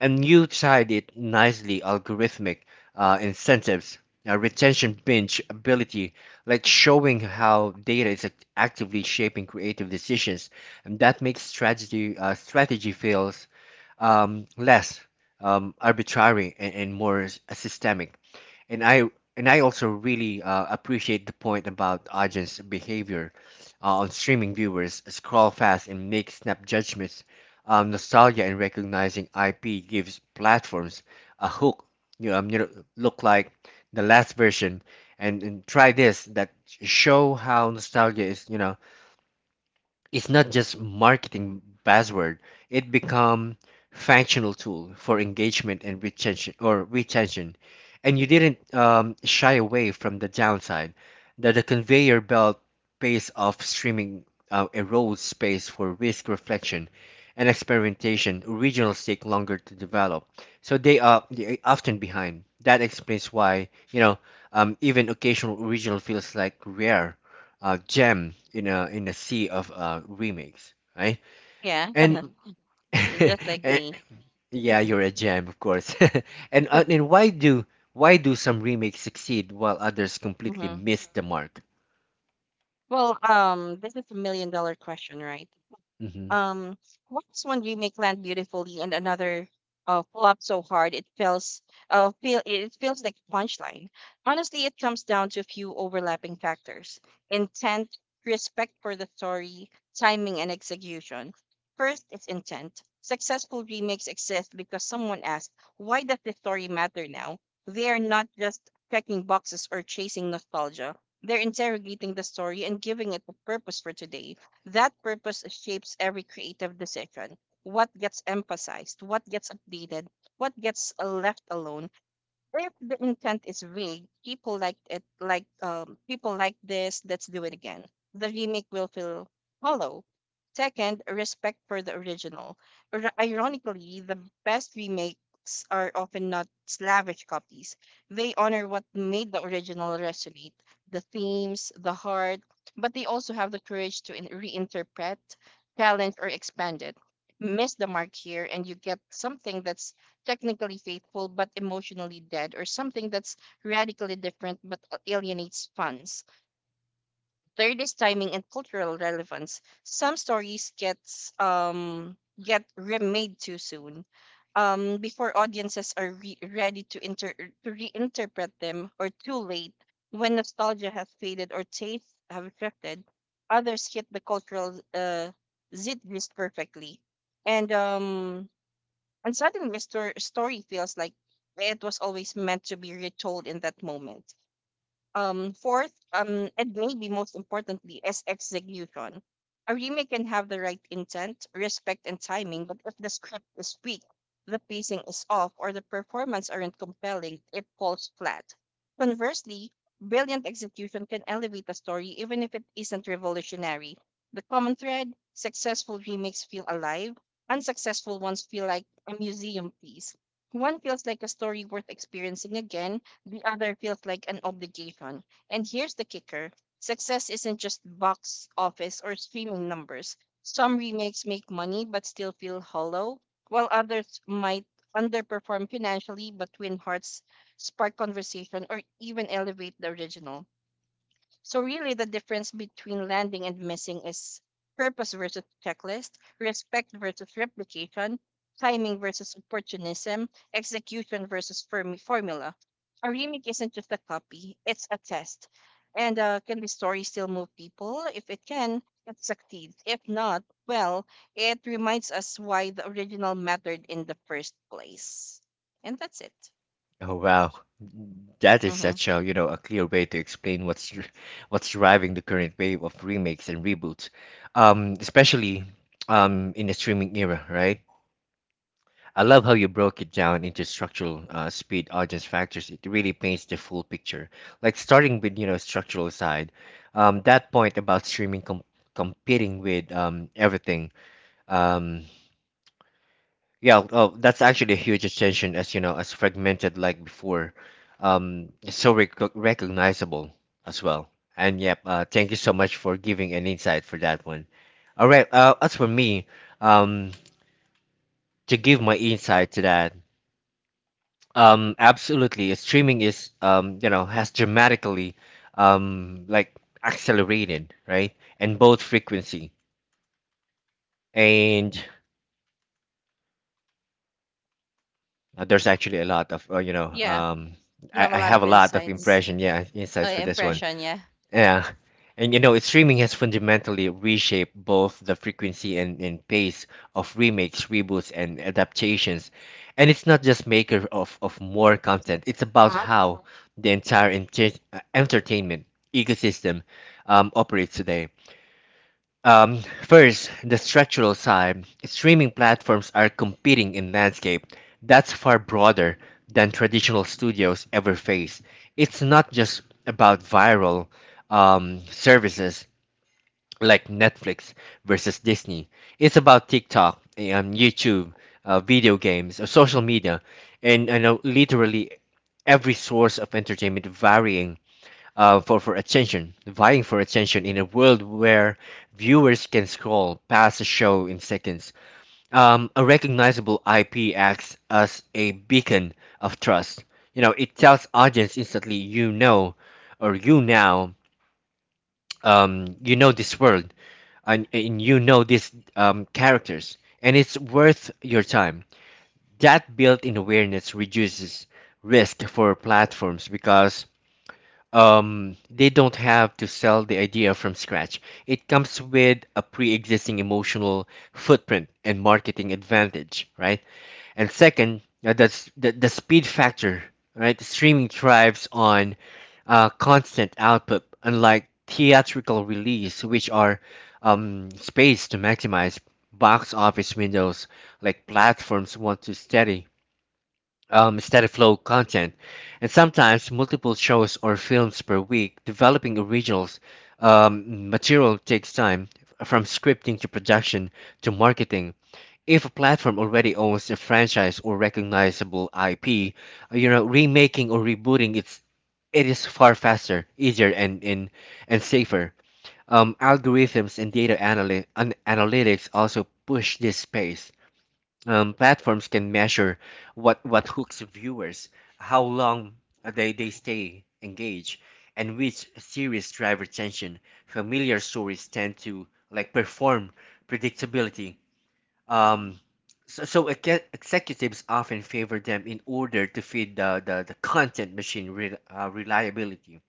[SPEAKER 1] And you tied it nicely algorithmic incentives, retention binge ability, like showing how data is actively shaping creative decisions. And that makes strategy, strategy feels less arbitrary and, more systemic. And I and I also really appreciate the point about audience behavior on streaming. Viewers scroll fast and make snap judgments. Nostalgia and recognizing IP gives platforms a hook. You know, um, you know, Look like the last version, and, try this that show how nostalgia is. You know, it's not just marketing buzzword. It become functional tool for engagement and retention or retention. And you didn't shy away from the downside that the conveyor belt pace of streaming erodes space for risk reflection and experimentation. Originals take longer to develop, so they are often behind. That explains why even occasional original feels like rare gem in a sea of remakes, right?
[SPEAKER 2] Yeah,
[SPEAKER 1] And,
[SPEAKER 2] just like
[SPEAKER 1] and
[SPEAKER 2] me.
[SPEAKER 1] yeah, you're a gem, of course. And why do some remakes succeed while others completely
[SPEAKER 2] Mhm.
[SPEAKER 1] miss the mark?
[SPEAKER 2] Well, this is a million dollar question, right?
[SPEAKER 1] Hmm.
[SPEAKER 2] Um, what's one remake land beautifully and another flopped so hard it feels like a punchline. Honestly, it comes down to a few overlapping factors: intent, respect for the story, timing, and execution. First, it's intent. Successful remakes exist because someone asked, "Why does this story matter now?" They are not just checking boxes or chasing nostalgia. They're interrogating the story and giving it a purpose for today. That purpose shapes every creative decision. What gets emphasized, what gets updated, what gets left alone. If the intent is vague, people like it like people like this, let's do it again, the remake will feel hollow. Second, respect for the original. Ironically, the best remakes are often not slavish copies. They honor what made the original resonate, the themes, the heart, but they also have the courage to reinterpret, challenge, or expand it. Miss the mark here, and you get something that's technically faithful but emotionally dead, or something that's radically different but alienates fans. Third is timing and cultural relevance. Some stories get remade too soon. Before audiences are ready to inter to reinterpret them, or too late when nostalgia has faded or tastes have shifted, others hit the cultural zeitgeist perfectly. And um, and suddenly, Mr. Story feels like it was always meant to be retold in that moment. Fourth, and maybe most importantly, is execution. A remake can have the right intent, respect, and timing, but if the script is weak, the pacing is off, or the performance aren't compelling, it falls flat. Conversely, brilliant execution can elevate a story even if it isn't revolutionary. The common thread: successful remakes feel alive, unsuccessful ones feel like a museum piece. One feels like a story worth experiencing again, the other feels like an obligation. And here's the kicker: success isn't just box office or streaming numbers. Some remakes make money but still feel hollow, while others might underperform financially but win hearts, spark conversation, or even elevate the original. So really the difference between landing and missing is purpose versus checklist, respect versus replication, timing versus opportunism, execution versus formula. A remake isn't just a copy, it's a test. And Can the story still move people? If it can, it succeeds. If not, well, it reminds us why the original mattered in the first place. And that's it.
[SPEAKER 1] Oh wow, that is
[SPEAKER 2] Mm-hmm.
[SPEAKER 1] such a a clear way to explain what's what's driving the current wave of remakes and reboots, especially in the streaming era, right? I love how you broke it down into structural speed audience factors. It really paints the full picture. Like starting with structural side, that point about streaming competing with everything. Um, yeah, oh, that's actually a huge attention, as you know, as fragmented like before. It's so recognizable as well. And yep, thank you so much for giving an insight for that one. All right, as for me, um, to give my insight to that. Absolutely. Streaming is, has dramatically, like accelerated, right? And both frequency and there's actually a lot of,
[SPEAKER 2] Yeah, you
[SPEAKER 1] I,
[SPEAKER 2] have a
[SPEAKER 1] I
[SPEAKER 2] lot
[SPEAKER 1] have
[SPEAKER 2] of
[SPEAKER 1] a lot of
[SPEAKER 2] insights,
[SPEAKER 1] impression, yeah, insights for this one.
[SPEAKER 2] impression, yeah.
[SPEAKER 1] Yeah. And you know, streaming has fundamentally reshaped both the frequency and, pace of remakes, reboots, and adaptations. And it's not just maker of, more content, it's about how the entire entertainment ecosystem operates today. First, the structural side. Streaming platforms are competing in landscape that's far broader than traditional studios ever face. It's not just about viral services like Netflix versus Disney. It's about TikTok, YouTube, video games, social media, and I know literally every source of entertainment varying for attention, vying for attention in a world where viewers can scroll past a show in seconds. A recognizable IP acts as a beacon of trust. You know, it tells audience instantly, you know, or you now, you know this world, and, you know these characters, and it's worth your time. That built-in awareness reduces risk for platforms because they don't have to sell the idea from scratch. It comes with a pre existing emotional footprint and marketing advantage, right? And second, that's the speed factor, right? Streaming thrives on constant output, unlike theatrical release, which are spaced to maximize box office windows like platforms want to steady steady flow content, and sometimes multiple shows or films per week. Developing originals material takes time, from scripting to production to marketing. If a platform already owns a franchise or recognizable IP, you know, remaking or rebooting it is far faster, easier, and safer. Algorithms and data analytics also push this pace. Platforms can measure what hooks viewers, how long they stay engaged, and which series drive retention. Familiar stories tend to like perform predictability. Um, so executives often favor them in order to feed the the content machine reliability.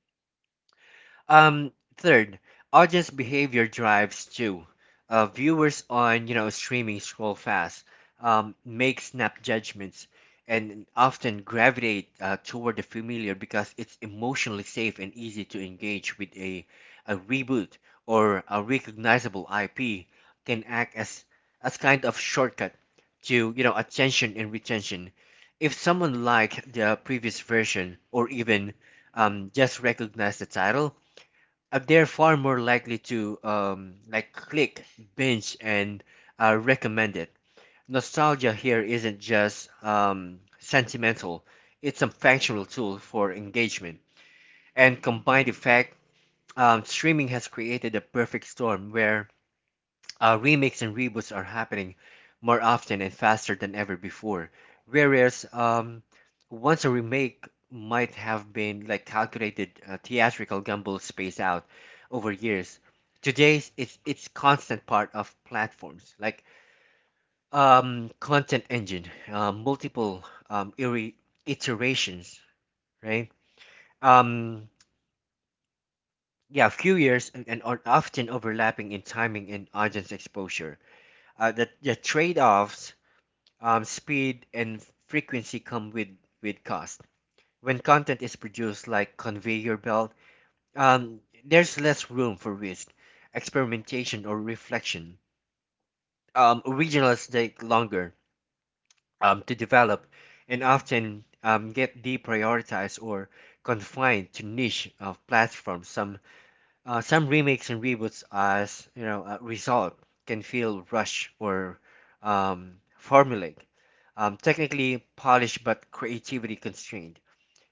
[SPEAKER 1] Um, Third, audience behavior drives too. Viewers on streaming scroll fast, make snap judgments, and often gravitate toward the familiar because it's emotionally safe and easy to engage with a reboot or a recognizable IP. Can act as kind of shortcut to attention and retention. If someone liked the previous version or even just recognized the title, they're far more likely to like click, binge, and recommend it. Nostalgia here isn't just sentimental; it's a functional tool for engagement. And combined effect, streaming has created a perfect storm where remakes and reboots are happening more often and faster than ever before. Whereas, once a remake might have been like calculated theatrical gamble spaced out over years, today it's constant part of platforms like content engine, multiple um, iri- iterations, right? Um, yeah, few years and, are often overlapping in timing and audience exposure. The trade-offs speed and frequency come with cost. When content is produced like conveyor belt, there's less room for risk, experimentation, or reflection. Originals take longer to develop, and often get deprioritized or confined to niche of platforms. Some remakes and reboots, as you know, a result, can feel rushed or um, formulaic, technically polished but creativity constrained,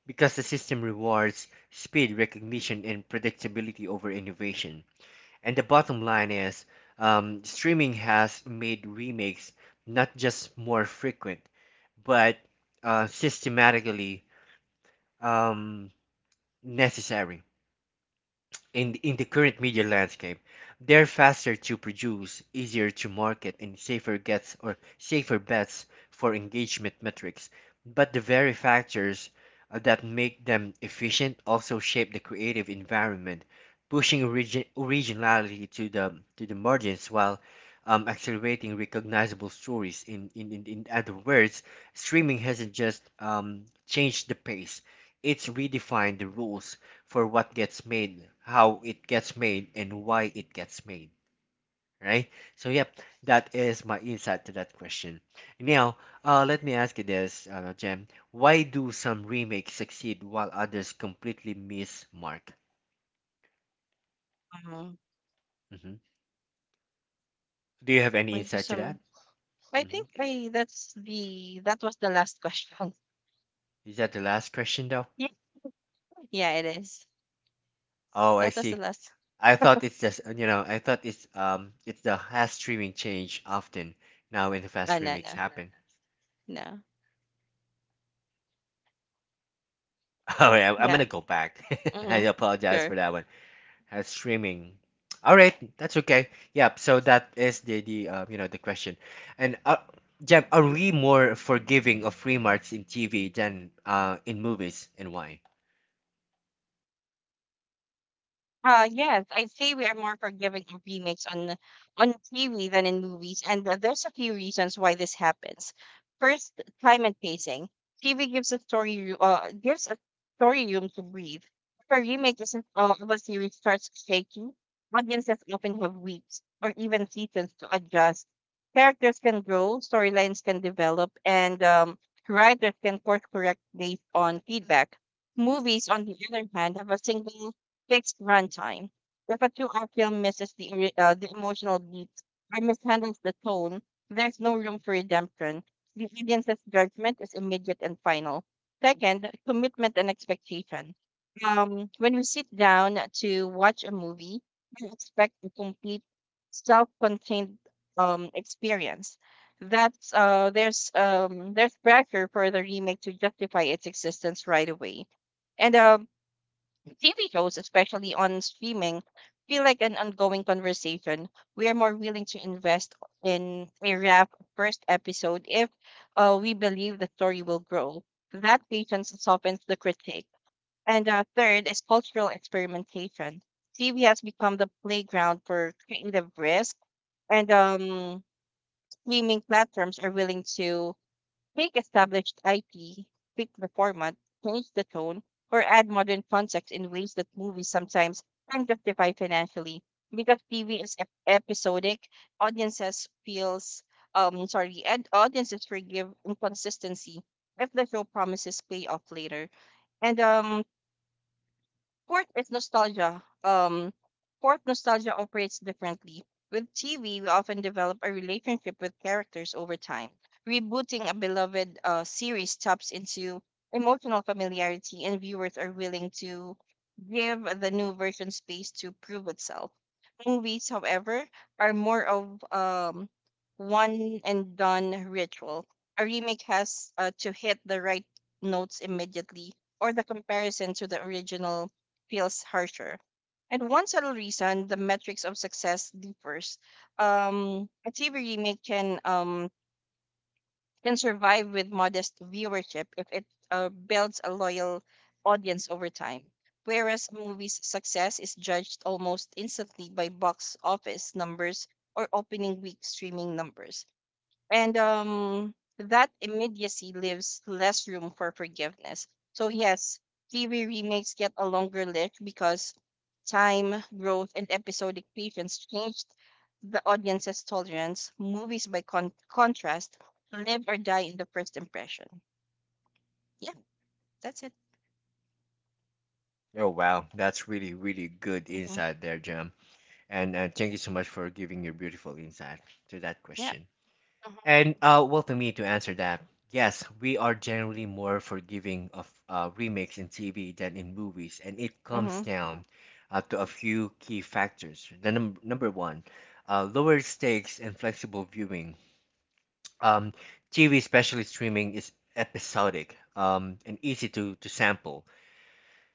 [SPEAKER 1] because the system rewards speed, recognition, and predictability over innovation. And the bottom line is, streaming has made remakes not just more frequent, but systematically um, necessary. In the current media landscape, they're faster to produce, easier to market, and safer gets or safer bets for engagement metrics. But the very factors that make them efficient also shape the creative environment, pushing originality to the margins while accelerating recognizable stories. In other words, streaming hasn't just changed the pace; it's redefined the rules for what gets made, how it gets made, and why it gets made, right? So, yep, that is my insight to that question. Now, let me ask you this, Jem. Why do some remakes succeed while others completely miss mark?
[SPEAKER 2] Um,
[SPEAKER 1] Hmm. Do you have any
[SPEAKER 2] why do
[SPEAKER 1] insight to
[SPEAKER 2] some?
[SPEAKER 1] that?
[SPEAKER 2] I
[SPEAKER 1] Hmm.
[SPEAKER 2] think I that's the that was the last question.
[SPEAKER 1] Is that the last question, though?
[SPEAKER 2] Yeah, yeah, it is.
[SPEAKER 1] Oh, I
[SPEAKER 2] That was the
[SPEAKER 1] see.
[SPEAKER 2] last.
[SPEAKER 1] I thought it's just, I thought it's the has streaming change often now when the fast
[SPEAKER 2] No,
[SPEAKER 1] remakes
[SPEAKER 2] no,
[SPEAKER 1] happen.
[SPEAKER 2] no.
[SPEAKER 1] All right, I'm
[SPEAKER 2] Yeah.
[SPEAKER 1] gonna go back. I
[SPEAKER 2] Mm-hmm.
[SPEAKER 1] apologize for
[SPEAKER 2] Sure.
[SPEAKER 1] that one. Has streaming. All right, that's okay. Yep. So that is the you know the question, and Jem, are we more forgiving of remarks in TV than in movies, and why?
[SPEAKER 2] Yes, I'd say we are more forgiving of remakes on TV than in movies, and there's a few reasons why this happens. First, time and pacing. TV gives a story room to breathe. If a remake isn't of a series starts shaky, audiences often have weeks or even seasons to adjust. Characters can grow, storylines can develop, and writers can course correct based on feedback. Movies, on the other hand, have a single fixed runtime. If a two-hour film misses the emotional beat or mishandles the tone, there's no room for redemption. The audience's judgment is immediate and final. Second, commitment and expectation. When we sit down to watch a movie, we expect a complete self-contained experience. That's there's pressure for the remake to justify its existence right away. And TV shows, especially on streaming, feel like an ongoing conversation. We are more willing to invest in a wrap first episode if we believe the story will grow. That patience softens the critique. And Third is cultural experimentation. TV has become the playground for creative risk, and streaming platforms are willing to make established IP, pick the format, change the tone, or add modern context in ways that movies sometimes can't justify financially. Because TV is episodic, audiences feels sorry, and audiences forgive inconsistency if the show promises payoff later. And Fourth is nostalgia. Fourth, nostalgia operates differently. With TV, we often develop a relationship with characters over time. Rebooting a beloved series taps into emotional familiarity, and viewers are willing to give the new version space to prove itself. Movies, however, are more of one and done ritual. A remake has to hit the right notes immediately, or the comparison to the original feels harsher. And one subtle reason: the metrics of success differs. A TV remake can survive with modest viewership if it builds a loyal audience over time. Whereas a movie's success is judged almost instantly by box office numbers or opening week streaming numbers, and that immediacy leaves less room for forgiveness. So yes, TV remakes get a longer lift because time, growth, and episodic patience changed the audience's tolerance. Movies, by contrast, live or die in the first impression. Yeah, that's it.
[SPEAKER 1] Oh wow, that's really good
[SPEAKER 2] Hmm.
[SPEAKER 1] insight there, Jem. And thank you so much for giving your beautiful insight to that
[SPEAKER 2] Yeah.
[SPEAKER 1] question.
[SPEAKER 2] Mm-hmm.
[SPEAKER 1] And well, to me, to answer that, yes, we are generally more forgiving of remakes in TV than in movies, and it comes
[SPEAKER 2] Mm-hmm.
[SPEAKER 1] down to a few key factors. The number one, lower stakes and flexible viewing. Um, TV, especially streaming, is episodic and easy to sample.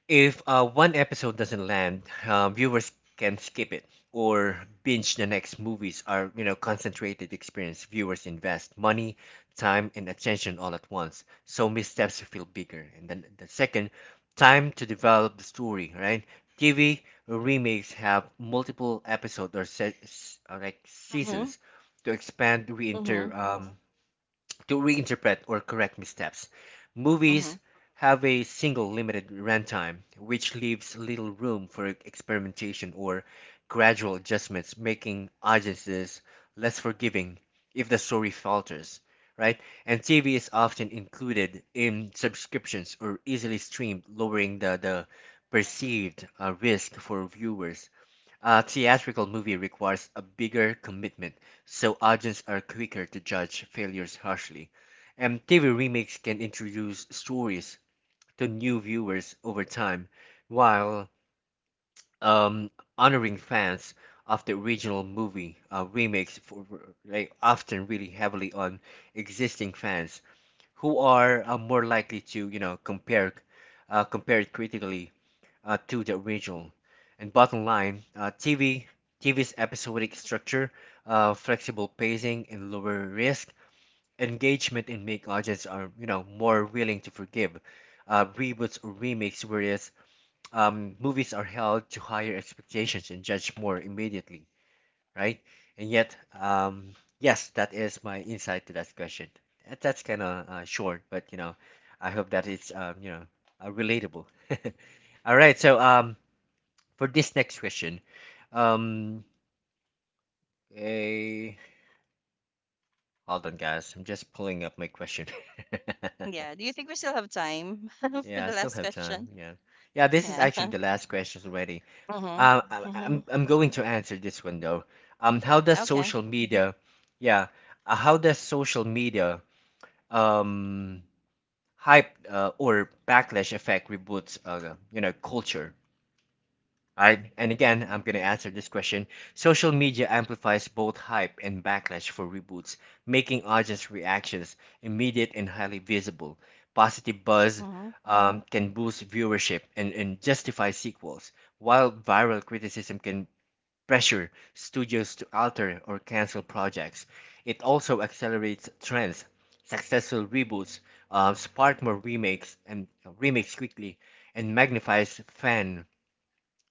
[SPEAKER 1] If one episode doesn't land, viewers can skip it or binge the next. Movies are, you know, concentrated experience. Viewers invest money, time, and attention all at once. So missteps feel bigger. And then the second, time to develop the story, right? TV remakes have multiple episodes or like
[SPEAKER 2] Mm-hmm.
[SPEAKER 1] seasons to expand,
[SPEAKER 2] Mm-hmm.
[SPEAKER 1] reinter, to reinterpret or correct missteps.
[SPEAKER 2] Mm-hmm.
[SPEAKER 1] Movies have a single limited runtime, which leaves little room for experimentation or gradual adjustments, making audiences less forgiving if the story falters, right? And TV is often included in subscriptions or easily streamed, lowering the perceived risk for viewers. A theatrical movie requires a bigger commitment, so audiences are quicker to judge failures harshly. And TV remakes can introduce stories to new viewers over time, while um, honoring fans of the original movie. Remakes for, like, often really heavily on existing fans who are more likely to compare compare it critically to the original. And bottom line, TV's episodic structure, flexible pacing, and lower risk engagement, and make audience are more willing to forgive reboots or remakes, whereas movies are held to higher expectations and judged more immediately, right? And yet, yes, that is my insight to that question. That's kind of short, but you know, I hope that it's relatable. All right, so for this next question. Um, eh, hold on, guys. I'm just pulling up my question.
[SPEAKER 2] Yeah, do you think we still have time for
[SPEAKER 1] Yeah,
[SPEAKER 2] the
[SPEAKER 1] I still
[SPEAKER 2] last
[SPEAKER 1] have time.
[SPEAKER 2] question?
[SPEAKER 1] Yeah, yeah. This is
[SPEAKER 2] Yeah.
[SPEAKER 1] actually the last question already.
[SPEAKER 2] Mm-hmm. Mm-hmm.
[SPEAKER 1] I'm going to answer this one though. How does
[SPEAKER 2] Okay.
[SPEAKER 1] social media, yeah, how does social media um hype or backlash affect reboots? You know, culture. Right? And again, I'm going to answer this question. Social media amplifies both hype and backlash for reboots, making audience reactions immediate and highly visible. Positive buzz
[SPEAKER 2] Mm-hmm.
[SPEAKER 1] can boost viewership and, justify sequels, while viral criticism can pressure studios to alter or cancel projects. It also accelerates trends. Successful reboots spark more remakes and remakes quickly and magnifies fan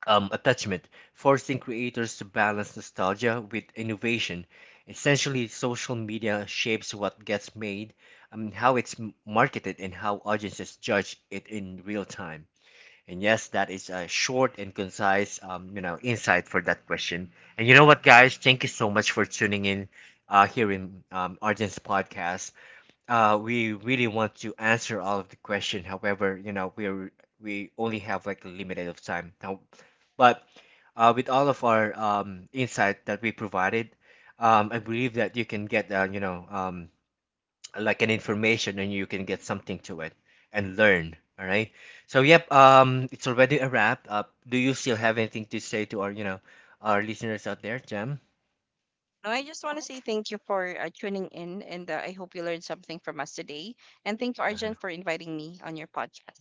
[SPEAKER 1] attachment, forcing creators to balance nostalgia with innovation. Essentially, social media shapes what gets made, how it's marketed, and how audiences judge it in real time. And yes, that is a short and concise, insight for that question. And you know what, guys? Thank you so much for tuning in here in Arden's podcast. We really want to answer all of the question. However, you know, we only have like a limited of time now, but with all of our insight that we provided, I believe that you can get like an information and you can get something to it and learn. All right. So yep, it's already a wrap up. Do you still have anything to say to our our listeners out there, Jam?
[SPEAKER 2] No, I just want to say thank you for tuning in, and I hope you learned something from us today. And thank you, Arjun,
[SPEAKER 1] Uh-huh.
[SPEAKER 2] for inviting me on your podcast.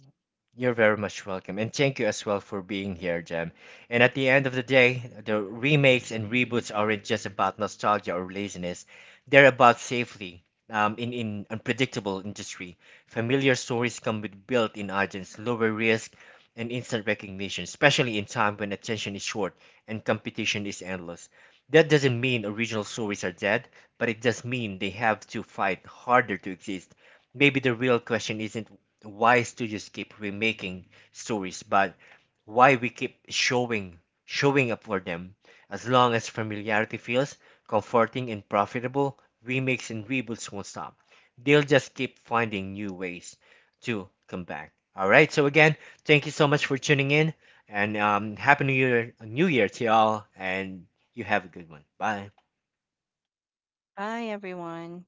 [SPEAKER 1] You're very much welcome. And thank you as well for being here, Jem. And at the end of the day, the remakes and reboots aren't just about nostalgia or laziness. They're about safely. In unpredictable industry, familiar stories come with built-in audience, lower risk, and instant recognition, especially in time when attention is short and competition is endless. That doesn't mean original stories are dead, but it does mean they have to fight harder to exist. Maybe the real question isn't why studios keep remaking stories, but why we keep showing up for them. As long as familiarity feels comforting and profitable, remakes and reboots won't stop. They'll just keep finding new ways to come back. All right. So again, thank you so much for tuning in, and happy New Year, to y'all, and you have a good one. Bye.
[SPEAKER 2] Bye, everyone.